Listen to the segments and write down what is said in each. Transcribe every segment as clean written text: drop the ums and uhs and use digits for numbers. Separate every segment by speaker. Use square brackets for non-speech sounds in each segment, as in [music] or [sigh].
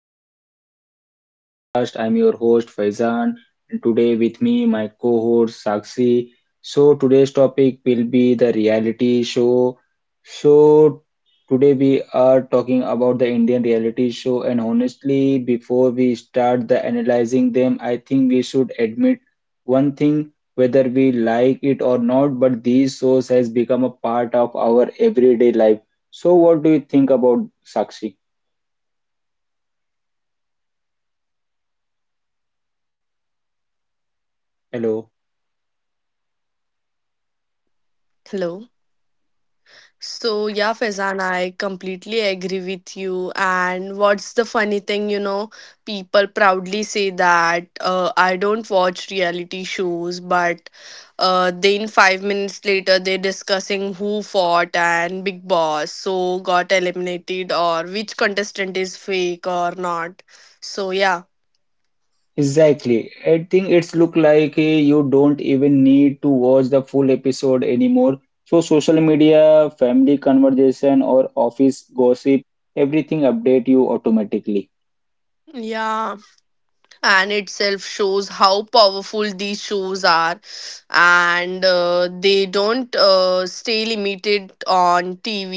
Speaker 1: hello everyone, welcome to my podcast. I'm your host Faizan, and today with me my co-host Sakshi. So today's topic will be the reality show. So today we are talking about the Indian reality show, and honestly, before we start the analyzing them, I think we should admit one thing, whether we like it or not, but these shows has become a part of our everyday life. So what do you think about Sakshi? Hello.
Speaker 2: Hello. So yeah, Faizan, I completely agree with you. And what's the funny thing, you know, people proudly say that I don't watch reality shows, but then 5 minutes later they're discussing who fought and Big Boss so got eliminated or which contestant is fake or not. So yeah,
Speaker 1: Exactly. I think it's look like you don't even need to watch the full episode anymore. So social media, family conversation, or office gossip, everything update you automatically.
Speaker 2: yeah. And itself shows how powerful these shows are and they don't stay limited on TV,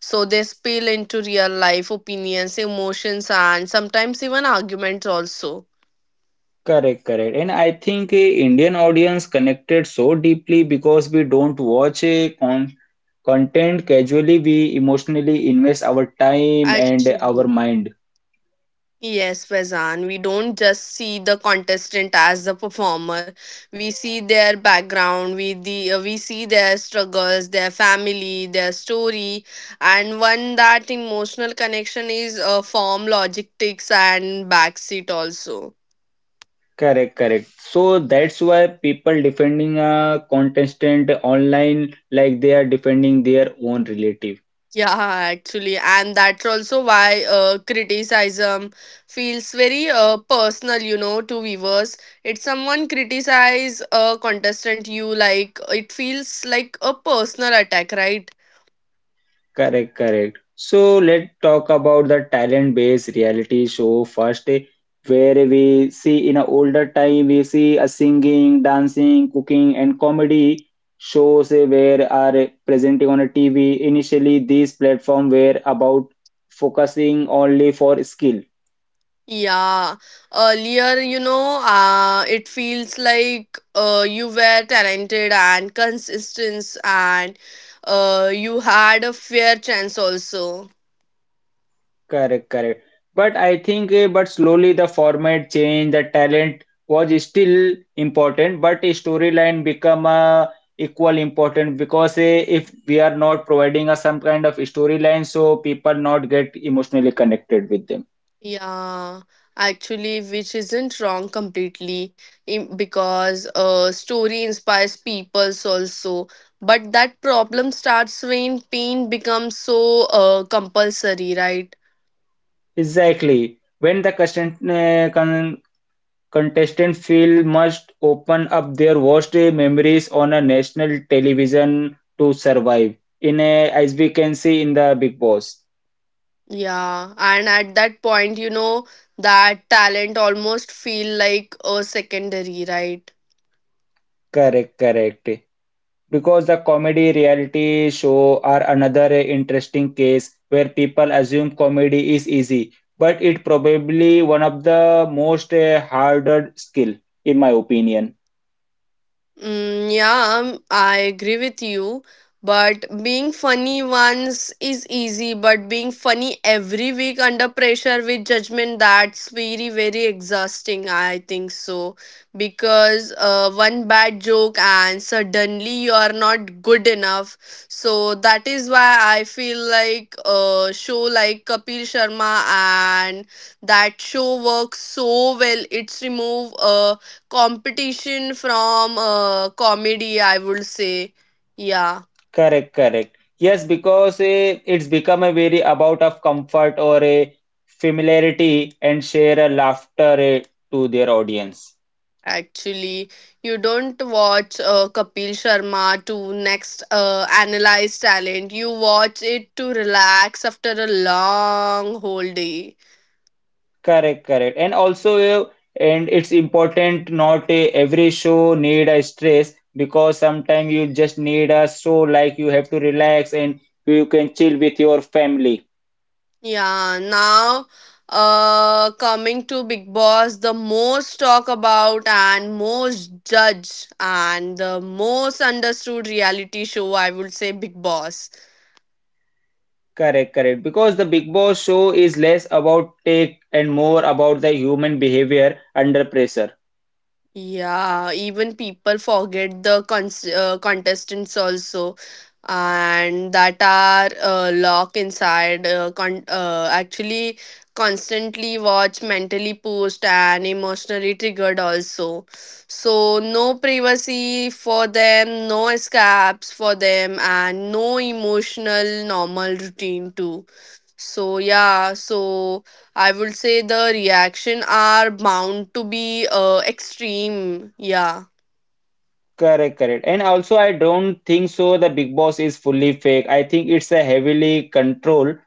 Speaker 2: so they spill into real life opinions, emotions, and sometimes even arguments also.
Speaker 1: Correct, correct. And I think Indian audience connected so deeply because we don't watch content casually. We emotionally invest our time and our
Speaker 2: Actually,
Speaker 1: mind.
Speaker 2: yes, Faizan, we don't just see the contestant as a performer. We see their background, we see their struggles, their family, their story, and one that emotional connection is form, logistics, and backseat also.
Speaker 1: Correct, correct. So that's why people defending a contestant online like they are defending their own relative.
Speaker 2: Yeah, actually, and that's also why criticism feels very personal, you know, to viewers. It's someone criticize a contestant you like, it feels like a personal attack, right?
Speaker 1: Correct, correct. So let's talk about the talent-based reality show first, where we see in a older time we see a singing, dancing, cooking, and comedy shows where are presenting on a TV. Initially, these platform were about focusing only for skill.
Speaker 2: Yeah, earlier, you know, it feels like you were talented and consistent, and you had a fair chance also.
Speaker 1: Correct, correct. But I think, but slowly the format changed, the talent was still important, but a storyline become equal important because if we are not providing us some kind of storyline, so people not get emotionally connected with them.
Speaker 2: Yeah, actually, which isn't wrong completely because a story inspires peoples also. But that problem starts when pain becomes so compulsory, right?
Speaker 1: Exactly. When the contestant contestant feel must open up their worst memories on a national television to survive. In a, as we can see in the Big Boss.
Speaker 2: Yeah, and at that point, you know, that talent almost feel like a secondary, right?
Speaker 1: Correct, correct. Because the comedy reality show are another interesting case where people assume comedy is easy, but it probably one of the most harder skill in my opinion.
Speaker 2: Yeah, I agree with you. But being funny once is easy, but being funny every week under pressure with judgment, that's very, very exhausting, I think so. Because one bad joke and suddenly you are not good enough. So that is why I feel like a show like Kapil Sharma and that show works so well. It's remove competition from comedy, I would say. Yeah,
Speaker 1: Correct, correct. Yes, because it's become a very about of comfort or a familiarity and share a laughter to their audience.
Speaker 2: actually, you don't watch Kapil Sharma to next analyze talent. You watch it to relax after a long whole day.
Speaker 1: Correct, correct. And also, and it's important not every show need a stress because sometimes you just need a show like you have to relax and you can chill with your family.
Speaker 2: Yeah, now, uh, coming to Big Boss, the most talk about and most judge and the most understood reality show, I would say Big Boss.
Speaker 1: Correct, correct. Because the Big Boss show is less about tech and more about the human behavior under pressure.
Speaker 2: Yeah, even people forget the contestants also, and that are locked inside. Actually, constantly watch, mentally post, and emotionally triggered also. So no privacy for them, no escapes for them, and no emotional normal routine too. So yeah, so I would say the reaction are bound to be extreme. Yeah.
Speaker 1: Correct, correct. And also, I don't think so the Big Boss is fully fake. I think it's a heavily controlled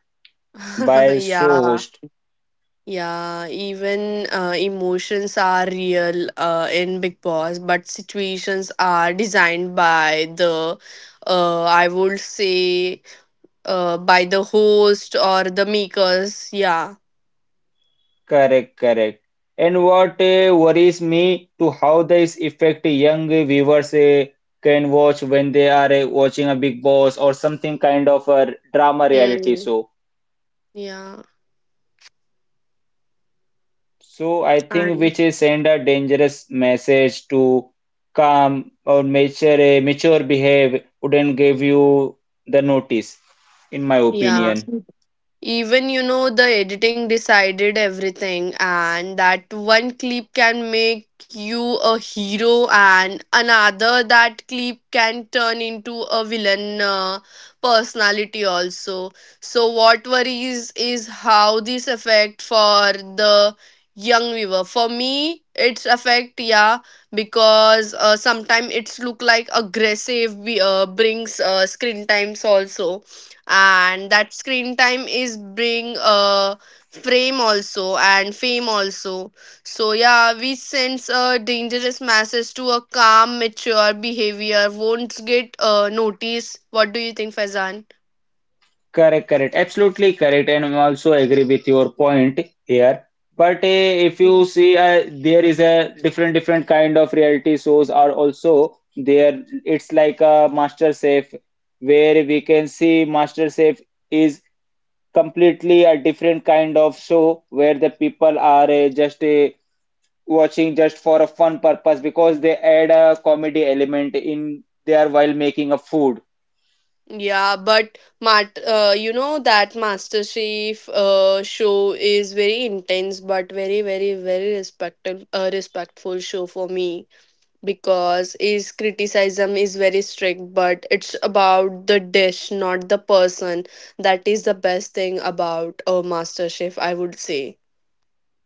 Speaker 2: [laughs]
Speaker 1: by show
Speaker 2: Yeah.
Speaker 1: host.
Speaker 2: Yeah, even emotions are real in Big Boss, but situations are designed by the, I would say, by the host or the makers. Yeah.
Speaker 1: Correct, correct. And what worries me to how this affect young viewers can watch when they are watching a Big Boss or something kind of a drama reality
Speaker 2: Mm.
Speaker 1: show.
Speaker 2: Yeah.
Speaker 1: So I think
Speaker 2: And
Speaker 1: which is send a dangerous message to calm or mature mature behave wouldn't give you the notice, in my
Speaker 2: yeah.
Speaker 1: opinion.
Speaker 2: Even you know the editing decided everything, and that one clip can make you a hero, and another that clip can turn into a villain personality also. So what worries is how this affect for the young viewer. For me, it's affect, yeah, because sometimes it's look like aggressive. We brings screen times also, and that screen time is bring frame also and fame also. So yeah, we sense a dangerous message to a calm mature behavior won't get noticed. What do you think, Fazan?
Speaker 1: Correct, correct. Absolutely correct. And I also agree with your point here. But if you see, there is a different kind of reality shows are also there. It's like a Master Chef, where we can see Master Chef is completely a different kind of show where the people are just watching just for a fun purpose because they add a comedy element in there while making a food.
Speaker 2: Yeah, but Mart, you know that MasterChef show is very intense, but very, very, very respectful, respectful show for me. Because his criticism is very strict, but it's about the dish, not the person. That is the best thing about a master chef, I would say.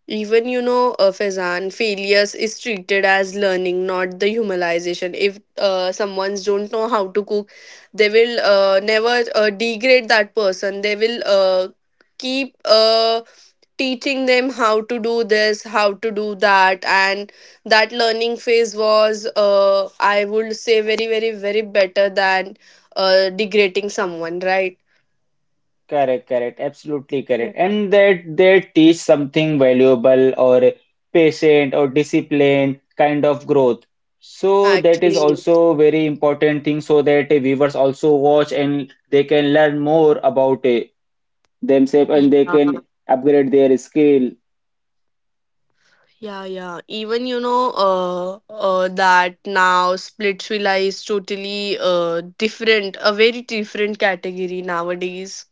Speaker 2: Even you know, Faizan, failures is treated as learning, not the humanization. If someone's don't know how to cook, they will never degrade that person. They will keep teaching them how to do this, how to do that, and that learning phase was I would say very, very, very better than degrading someone, right?
Speaker 1: Correct, correct, absolutely correct.
Speaker 2: Yeah.
Speaker 1: And that they teach something valuable or patient or disciplined kind of growth. So that is
Speaker 2: Actually,
Speaker 1: also very important thing so that viewers also watch and they can learn more about themselves and they
Speaker 2: yeah
Speaker 1: can upgrade their skill
Speaker 2: yeah. Even you know, that now Split Villa is totally different, a very different category nowadays.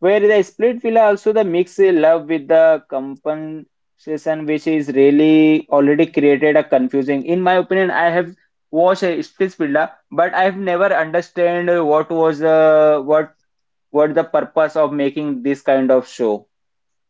Speaker 1: where the split will also the mix a love with the compensation which is really already created a confusing in my opinion. I have watched a split villa, but I have never understand what was what the purpose of making this kind of show.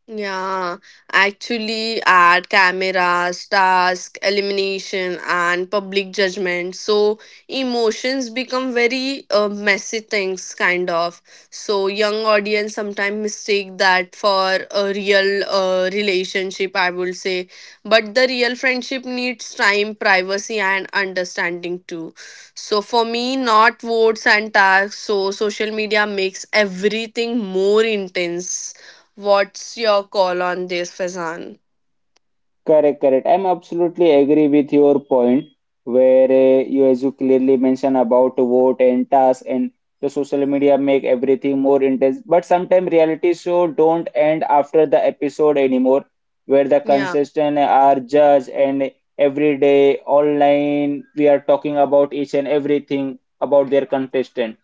Speaker 2: Yeah, actually, ad cameras, task, elimination, and public judgment. So emotions become very messy things, kind of. So young audience sometimes mistake that for a real relationship, I would say. But the real friendship needs time, privacy, and understanding too. So, for me, not votes and tasks. So social media makes everything more intense. What's your call on this, Fazan?
Speaker 1: Correct, correct. I'm absolutely agree with your point where you as you clearly mention about vote and task and the social media make everything more intense. But sometimes reality show don't end after the episode anymore, where the
Speaker 2: Yeah,
Speaker 1: consistent are judged and every day online we are talking about each and everything about their contestant.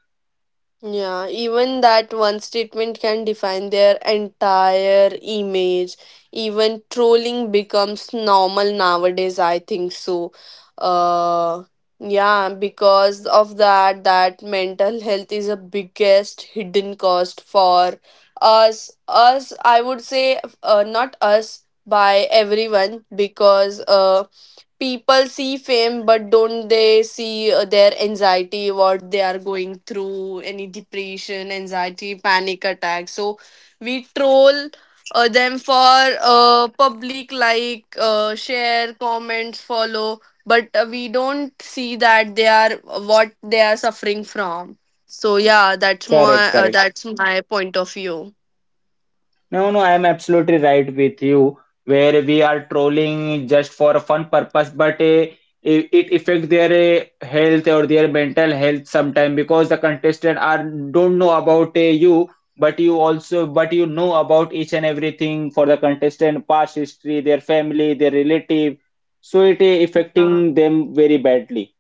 Speaker 2: yeah. Even that one statement can define their entire image. Even trolling becomes normal nowadays, I think so. Uh, yeah, because of that, mental health is a biggest hidden cost for us. Us, I would say, not us, by everyone, because people see fame, but don't they see their anxiety, what they are going through, any depression, anxiety, panic attack? So we troll them for public, like share, comments, follow, but we don't see that they are what they are suffering from. So yeah,
Speaker 1: Correct, correct.
Speaker 2: that's my point of view.
Speaker 1: No, no, I am absolutely right with you. Where we are trolling just for a fun purpose, but it affects their health or their mental health sometime because the contestant are don't know about you, but you also but you know about each and everything for the contestant, past history, their family, their relative. So it affecting them very badly,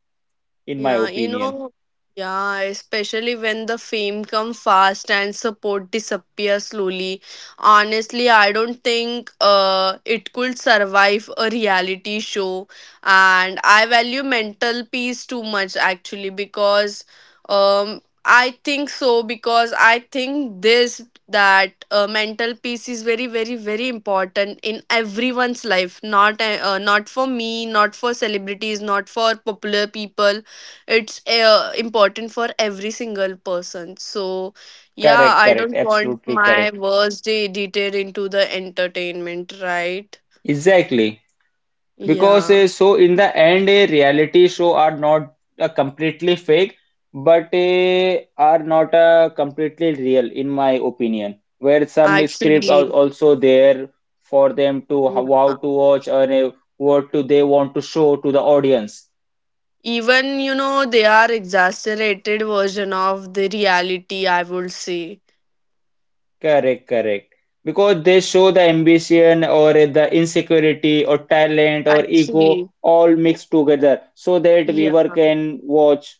Speaker 1: in my
Speaker 2: Yeah, you
Speaker 1: opinion.
Speaker 2: know, yeah, especially when the fame come fast and support disappear slowly. Honestly, I don't think it could survive a reality show. And I value mental peace too much, actually, because I think so, because I think this that mental peace is very, very, very important in everyone's life, not not for me, not for celebrities, not for popular people. It's important for every single person. So yeah,
Speaker 1: Correct,
Speaker 2: I
Speaker 1: correct,
Speaker 2: don't want
Speaker 1: absolutely
Speaker 2: my
Speaker 1: correct.
Speaker 2: worst day edited into the entertainment, right?
Speaker 1: Exactly. Because
Speaker 2: Yeah.
Speaker 1: uh, so in the end, a reality show are not completely fake, but are not completely real, in my opinion. Where some script are
Speaker 2: Actually,
Speaker 1: also there for them to how,
Speaker 2: yeah.
Speaker 1: how to watch or what do they want to show to the audience.
Speaker 2: Even you know they are exaggerated version of the reality, I would say.
Speaker 1: Correct, correct. Because they show the ambition or the insecurity or talent or ego
Speaker 2: Actually,
Speaker 1: all mixed together, so that
Speaker 2: yeah.
Speaker 1: viewer can watch.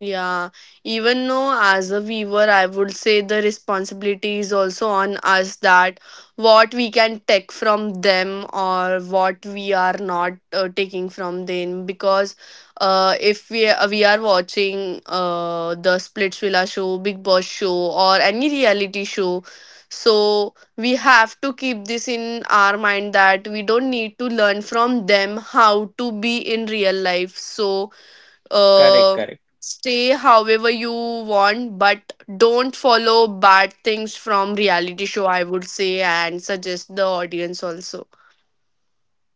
Speaker 2: Yeah, even though as a viewer, I would say the responsibility is also on us, that what we can take from them or what we are not taking from them. Because if we we are watching the Splits Villa show, Big Boss show, or any reality show, so we have to keep this in our mind that we don't need to learn from them how to be in real life. So,
Speaker 1: Correct,
Speaker 2: uh,
Speaker 1: correct.
Speaker 2: stay however you want, but don't follow bad things from reality show, I would say, and suggest the audience also.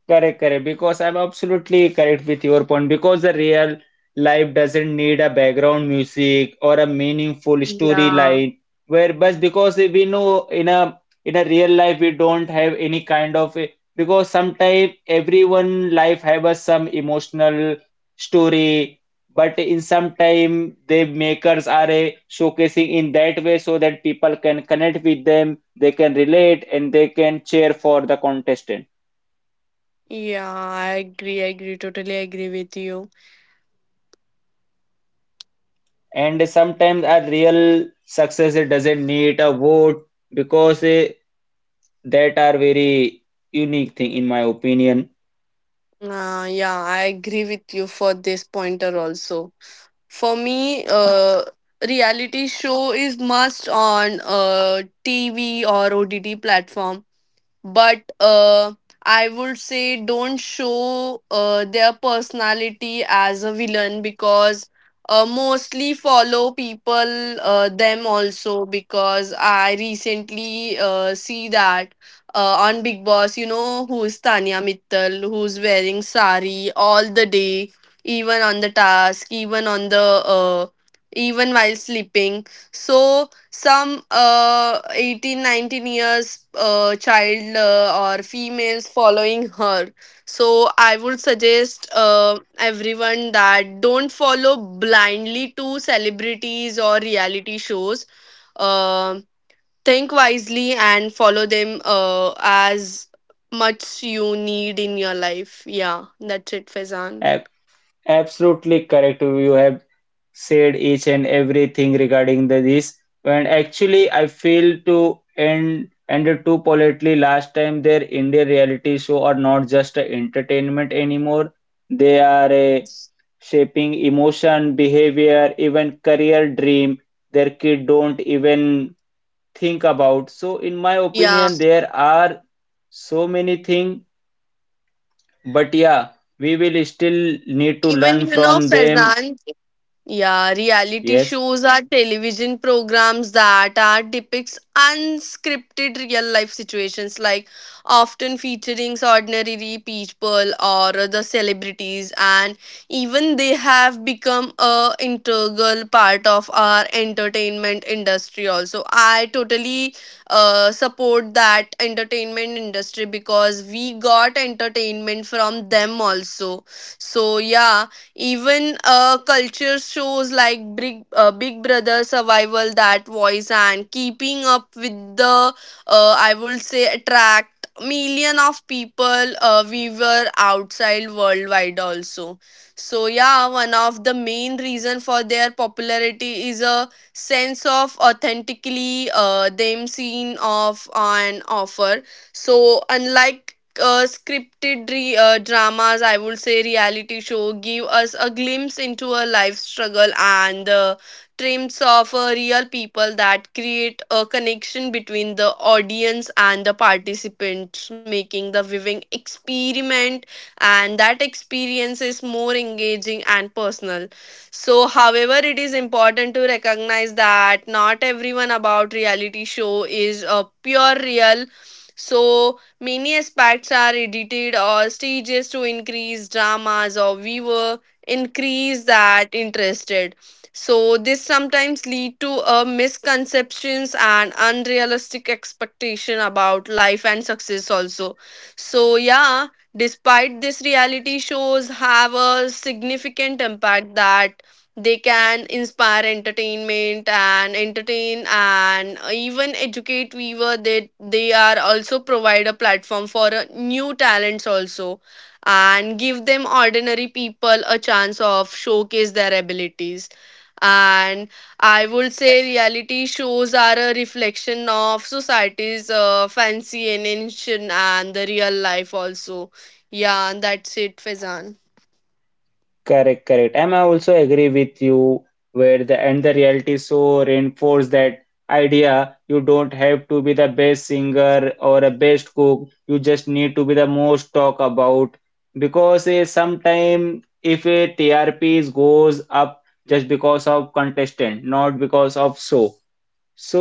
Speaker 1: Correct, correct. Because I'm absolutely correct with your point. Because the real life doesn't need a background music or a meaningful
Speaker 2: Yeah,
Speaker 1: storyline. Where but because we know in a real life we don't have any kind of a, because sometimes everyone life have a some emotional story, but in some time the makers are a showcasing in that way so that people can connect with them, they can relate and they can cheer for the contestant.
Speaker 2: yeah I agree, totally agree with you.
Speaker 1: And sometimes a real success it doesn't need a vote because that are very unique thing in my opinion.
Speaker 2: Uh, yeah, I agree with you for this pointer also. For me, reality show is must on TV or OTT platform, but I would say don't show their personality as a villain, because mostly follow people them also. Because I recently see that on Big Boss, you know who is Tanya Mittal, who's wearing sari all the day, even on the task, even on the, even while sleeping. So some, 18, 19 years child or females following her. So I would suggest everyone that don't follow blindly to celebrities or reality shows. Uh, think wisely and follow them as much you need in your life. Yeah, that's it, Fezan.
Speaker 1: Ab- absolutely correct, you have said each and everything regarding the, this. And actually I feel to end ended too politely last time, their Indian reality show are not just a entertainment anymore, they are a shaping emotion behavior even career dream their kid don't even think about. So, in my
Speaker 2: Yeah,
Speaker 1: opinion, there are so many things, but yeah, we will still need to
Speaker 2: even
Speaker 1: learn
Speaker 2: you know,
Speaker 1: from them.
Speaker 2: Fezan, yeah, reality
Speaker 1: Yes,
Speaker 2: shows are television programs that are depicts unscripted real life situations, like often featuring ordinary people or the celebrities, and even they have become a integral part of our entertainment industry also. I totally support that entertainment industry because we got entertainment from them also. So yeah, even culture shows like Big, Big Brother Survival, That Voice, and Keeping Up with the, I would say, attract million of people, we were outside worldwide also. So yeah, one of the main reason for their popularity is a sense of authentically them seen of on offer. So unlike scripted re dramas, I would say reality show, give us a glimpse into a life struggle and the trims of real people, that create a connection between the audience and the participants, making the viewing experiment, and that experience is more engaging and personal. So, however, it is important to recognize that not everyone about reality show is a pure real. So, many aspects are edited or stages to increase dramas or viewer, increase that interested. So this sometimes lead to misconceptions and unrealistic expectation about life and success also. So yeah, despite this, reality shows have a significant impact that they can inspire entertainment and entertain and even educate viewer, that they are also provide a platform for new talents also, and give them ordinary people a chance of showcase their abilities. And I would say reality shows are a reflection of society's fancy and ancient and the real life also. Yeah, and that's it, Fezan.
Speaker 1: correct, correct. And I also agree with you where the reality show reinforce that idea. You don't have to be the best singer or a best cook. You just need to be the most talk about because sometime if a TRP goes up just because of contestant, not because of show. So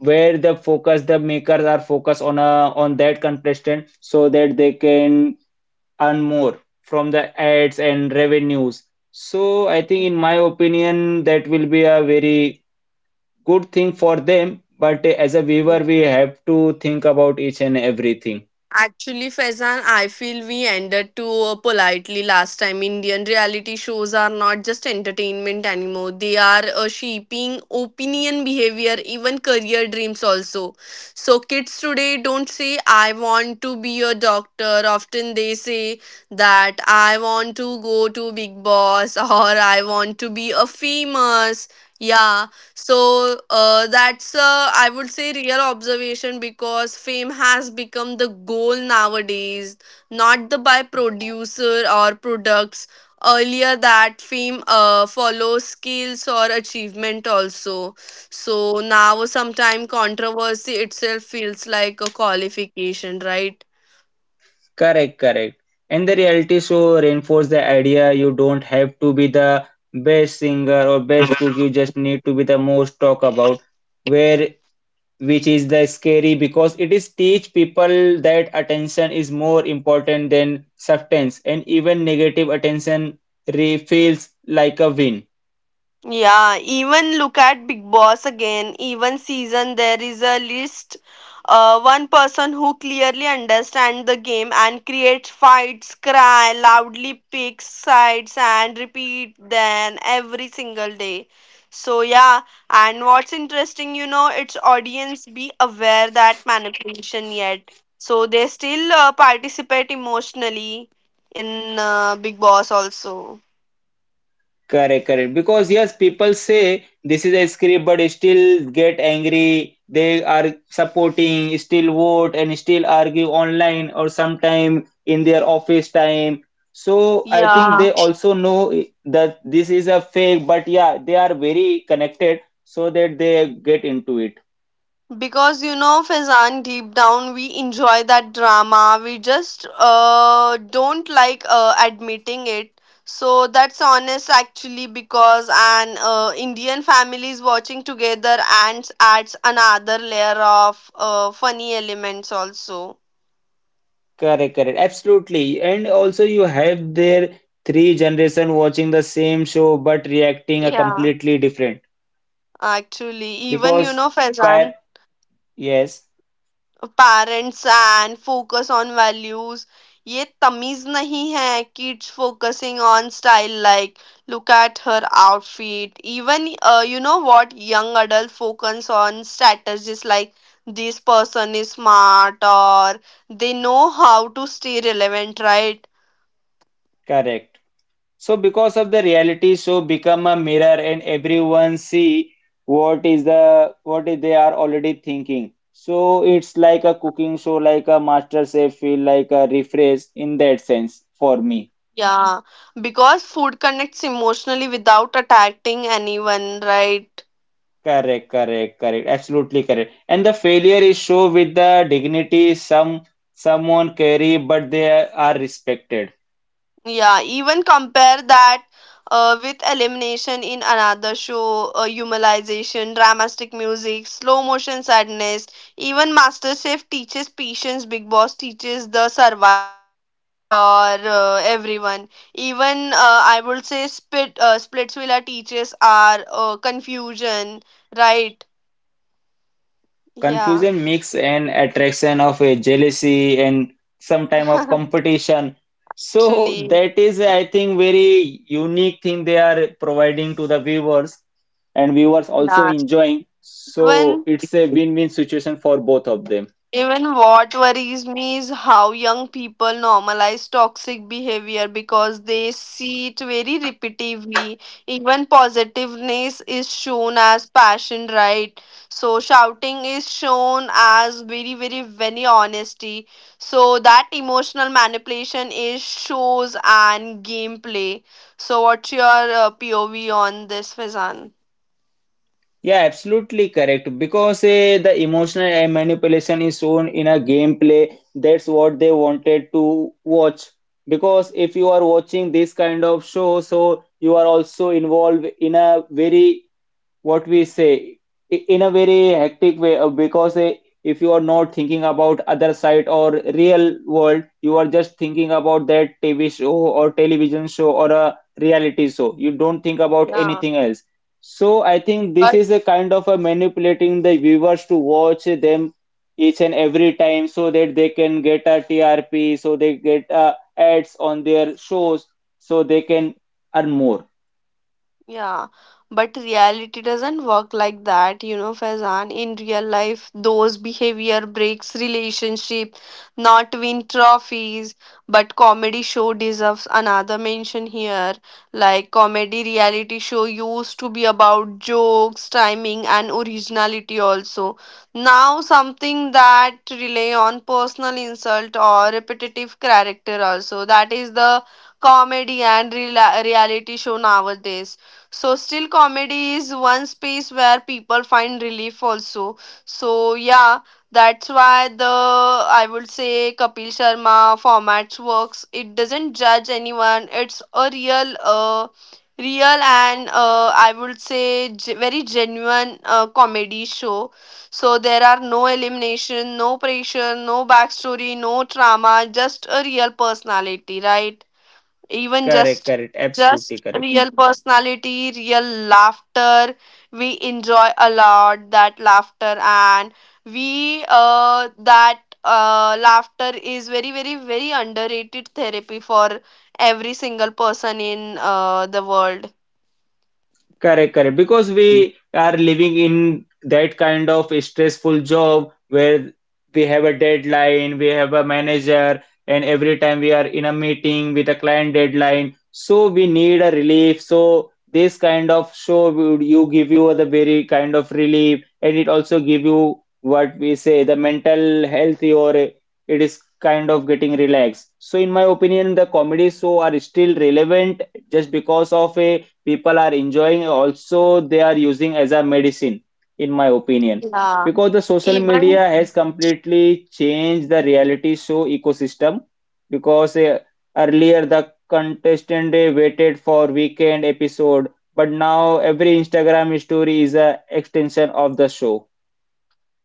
Speaker 1: where the focus the makers are focused on a on that contestant so that they can earn more from the ads and revenues. So I think in my opinion that will be a very good thing for them, but as a viewer we have to think about each and everything.
Speaker 2: Actually, Faizan, I feel we ended too politely last time. Indian reality shows are not just entertainment anymore. They are shaping opinion, behavior, even career dreams also. So kids today don't say, I want to be a doctor. Often they say that I want to go to Big Boss [laughs] or I want to be a famous. Yeah, so that's I would say real observation, because fame has become the goal nowadays, not the by producer or products. Earlier, that fame follows skills or achievement also. So now, sometime controversy itself feels like a qualification, right?
Speaker 1: Correct, correct. And the reality show reinforce the idea, you don't have to be the best singer or best cook, you just need to be the most talk about, where which is the scary because it is teach people that attention is more important than substance, and even negative attention feels like a win.
Speaker 2: Yeah, even look at Big Boss again. Even season there is a list. One person who clearly understands the game and creates fights, cry loudly, picks sides, and repeat then every single day. So yeah, and what's interesting, you know, its audience be aware that manipulation yet, so they still participate emotionally in Big Boss also.
Speaker 1: Correct, correct. Because yes, people say this is a script, but still get angry. They are supporting, still vote, and still argue online or sometime in their office time. So I think
Speaker 2: Yeah.
Speaker 1: they also know that this is a fake, but yeah, they are very connected so that they get into it.
Speaker 2: Because you know, Fazan, deep down we enjoy that drama. We just don't like admitting it. So that's honest actually because an Indian families watching together and adds another layer of funny elements also.
Speaker 1: Correct, correct. Absolutely. And also you have their three generation watching the same show but reacting a
Speaker 2: Yeah.
Speaker 1: completely different
Speaker 2: Actually, even you
Speaker 1: because
Speaker 2: know,
Speaker 1: par
Speaker 2: Fazan,
Speaker 1: yes.
Speaker 2: parents and focus on values ये तमीज नहीं है kids focusing on style like look at her outfit even you know what young adult focus on strategies like this person is smart or they know how to stay relevant, right?
Speaker 1: Correct. So because of the reality show become a mirror and everyone see what is the what is they are already thinking. So it's like a cooking show, like a master chef feel like a refresh in that sense for me.
Speaker 2: Yeah, because food connects emotionally without attacking anyone, right?
Speaker 1: Correct, correct, correct. Absolutely correct. And the failure is show with the dignity someone carry, but they are respected.
Speaker 2: Yeah, even compare that with elimination in another show, humanization, dramatic music, slow motion sadness. Even MasterChef teaches patience, Big Boss teaches the survival for everyone. Even I would say Splitsvilla teaches our confusion, right? Yeah,
Speaker 1: Confusion makes an attraction of a jealousy and some time of
Speaker 2: [laughs]
Speaker 1: competition. So
Speaker 2: actually,
Speaker 1: that is, I think, very unique thing they are providing to the viewers and viewers also
Speaker 2: yeah.
Speaker 1: enjoying. So
Speaker 2: Even
Speaker 1: it's a win-win situation for both of them.
Speaker 2: Even what worries me is how young people normalize toxic behavior because they see it very repetitively. Even positiveness is shown as passion, right? So shouting is shown as very, very, very honesty. So that emotional manipulation is shows and gameplay. So what's your POV on this, Fizan?
Speaker 1: Yeah, absolutely correct. Because the emotional manipulation is shown in a gameplay. That's what they wanted to watch. Because if you are watching this kind of show, so you are also involved in a very what we say in a very hectic way because if you are not thinking about other side or real world, you are just thinking about that tv show or television show or a reality show, you don't think about
Speaker 2: Yeah.
Speaker 1: anything else. So I think this is a kind of a manipulating the viewers to watch them each and every time so that they can get a trp so they get ads on their shows so they can earn more.
Speaker 2: Yeah, but reality doesn't work like that, you know, Faizan. In real life, those behavior breaks relationship, not win trophies. But comedy show deserves another mention here. Like comedy reality show used to be about jokes, timing, and originality also. Now something that rely on personal insult or repetitive character also. That is the comedy and reality show nowadays, so still comedy is one space where people find relief also. So yeah, that's why the I would say Kapil Sharma formats works. It doesn't judge anyone. It's a real and I would say very genuine comedy show. So there are no elimination, no pressure, no backstory, no drama, just a real personality, right? even
Speaker 1: Correct,
Speaker 2: just
Speaker 1: correct, absolutely
Speaker 2: just
Speaker 1: correct.
Speaker 2: real personality, real laughter. We enjoy a lot that laughter, and we, that laughter is very, very, very underrated therapy for every single person in the world.
Speaker 1: Correct, correct. Because we are living in that kind of stressful job where we have a deadline, we have a manager, and every time we are in a meeting with a client deadline, so we need a relief. So this kind of show would you give you the very kind of relief, and it also give you what we say the mental health or it is kind of getting relaxed. So in my opinion, the comedy show are still relevant just because of a people are enjoying also they are using as a medicine in my opinion
Speaker 2: Yeah,
Speaker 1: because the social
Speaker 2: even
Speaker 1: media has completely changed the reality show ecosystem because earlier the contestant they waited for weekend episode, but now every Instagram story is a extension of the show.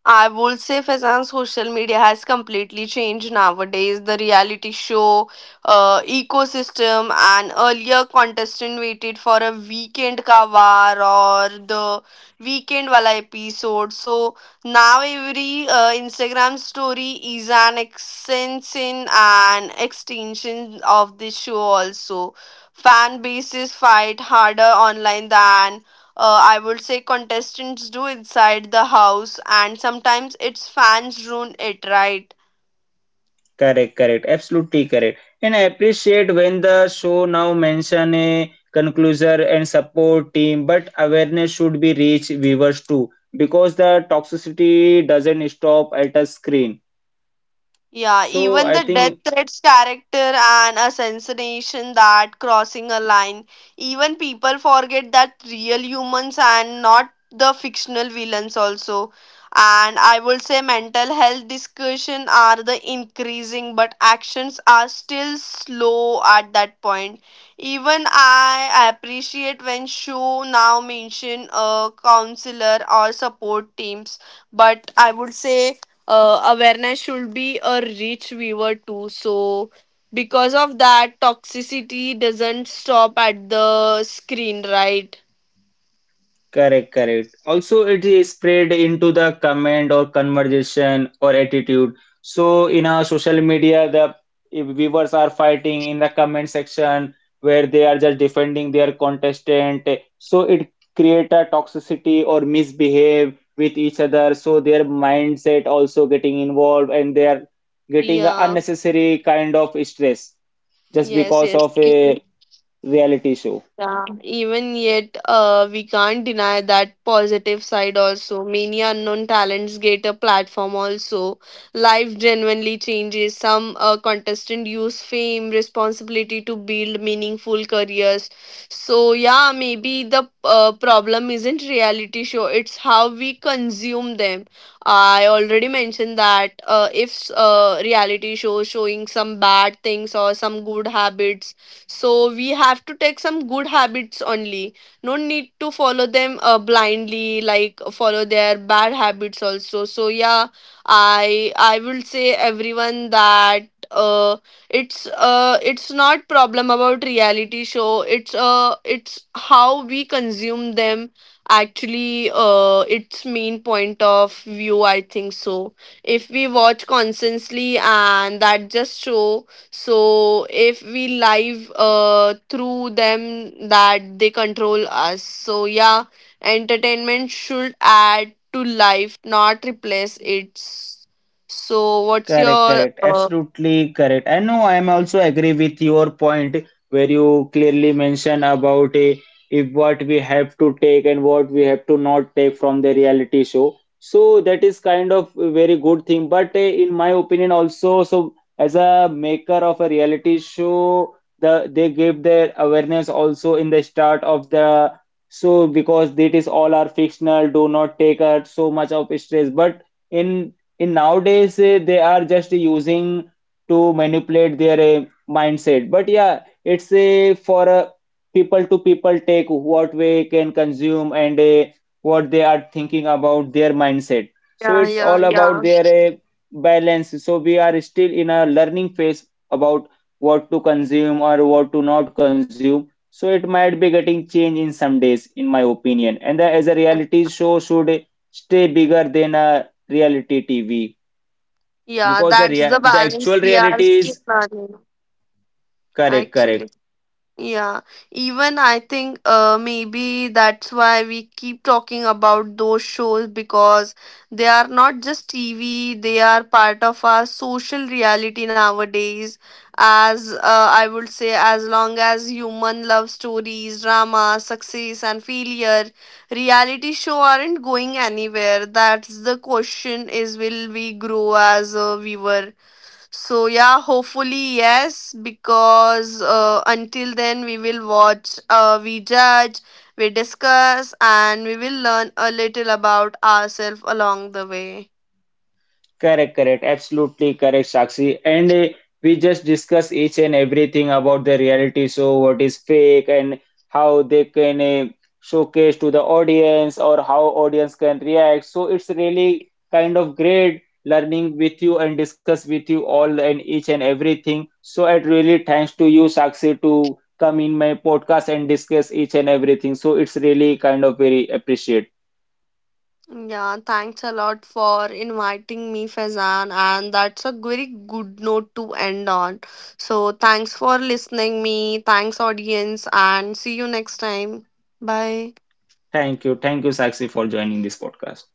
Speaker 2: I would say Faizan, social media has completely changed nowadays. The reality show ecosystem, and earlier contestant waited for a weekend ka kavar or the weekend wala episode. So now every Instagram story is an extension of the show also. Fan bases fight harder online than I would say contestants do inside the house, and sometimes its fans ruin it, right?
Speaker 1: Correct, correct, absolutely correct. And I appreciate when the show now mention a conclusion and support team, but awareness should be reach viewers too because the toxicity doesn't stop at a screen.
Speaker 2: Yeah,
Speaker 1: So
Speaker 2: even
Speaker 1: I
Speaker 2: the death
Speaker 1: think
Speaker 2: threats character and assassination that crossing a line. Even people forget that real humans and not the fictional villains also. And I would say mental health discussion are the increasing, but actions are still slow at that point. Even I appreciate when show now mention a counselor or support teams, but I would say awareness should be a reach viewer too, so because of that toxicity doesn't stop at the screen, right?
Speaker 1: correct, correct. Also, it is spread into the comment or conversation or attitude. So, in our social media, the if viewers are fighting in the comment section where they are just defending their contestant. So, it create a toxicity or misbehave with each other. So, their mindset also getting involved and they are getting a
Speaker 2: Yeah,
Speaker 1: unnecessary kind of stress just
Speaker 2: yes,
Speaker 1: because
Speaker 2: yes.
Speaker 1: of a reality show.
Speaker 2: Yeah, even yet, we can't deny that positive side also. Many unknown talents get a platform also. Life genuinely changes. Some contestant use fame, responsibility to build meaningful careers. So yeah, maybe the problem isn't reality show. It's how we consume them. I already mentioned that if reality show showing some bad things or some good habits, so we have to take some good habits only. No need to follow them blindly like follow their bad habits also. So yeah, I will say everyone that it's not problem about reality show. It's how we consume them actually. Its main point of view, I think so. If we watch constantly and that just show, so if we live through them that they control us. So yeah, entertainment should add to life, not replace it. So what's
Speaker 1: Correct,
Speaker 2: your
Speaker 1: correct. Absolutely correct. I know I'm also agree with your point where you clearly mention about if what we have to take and what we have to not take from the reality show. So that is kind of a very good thing. But in my opinion also, so as a maker of a reality show, the they give their awareness also in the start of the, so because it is all are fictional, do not take so much of stress. But in in nowadays they are just using to manipulate their mindset, but yeah it's a for a people to people take what way can consume and what they are thinking about their mindset, so
Speaker 2: yeah,
Speaker 1: it's
Speaker 2: yeah,
Speaker 1: all about
Speaker 2: yeah,
Speaker 1: their balance. So we are still in a learning phase about what to consume or what to not consume, so it might be getting change in some days in my opinion, and the, as a reality show should stay bigger than a reality TV
Speaker 2: yeah,
Speaker 1: because the
Speaker 2: that's
Speaker 1: rea
Speaker 2: the
Speaker 1: the
Speaker 2: balance
Speaker 1: actual
Speaker 2: we are
Speaker 1: reality
Speaker 2: still
Speaker 1: is
Speaker 2: learning
Speaker 1: correct,
Speaker 2: actually.
Speaker 1: correct.
Speaker 2: Yeah, even I think maybe that's why we keep talking about those shows because they are not just TV, they are part of our social reality nowadays. As I would say, as long as human love stories, drama, success, and failure, reality show aren't going anywhere. That's the question is, will we grow as a viewer? So yeah, hopefully yes, because until then we will watch, we judge, we discuss, and we will learn a little about ourselves along the way.
Speaker 1: Correct, correct. Absolutely correct, Sakshi. And we just discuss each and everything about the reality show, what is fake, and how they can showcase to the audience or how audience can react. So it's really kind of great learning with you and discuss with you all and each and everything. So it really thanks to you, Sakshi, to come in my podcast and discuss each and everything. So it's really kind of very appreciate.
Speaker 2: Yeah, thanks a lot for inviting me, Fazan, and that's a very good note to end on. So thanks for listening me, thanks audience, and see you next time. Bye.
Speaker 1: Thank you. Thank you, Sakshi, for joining this podcast.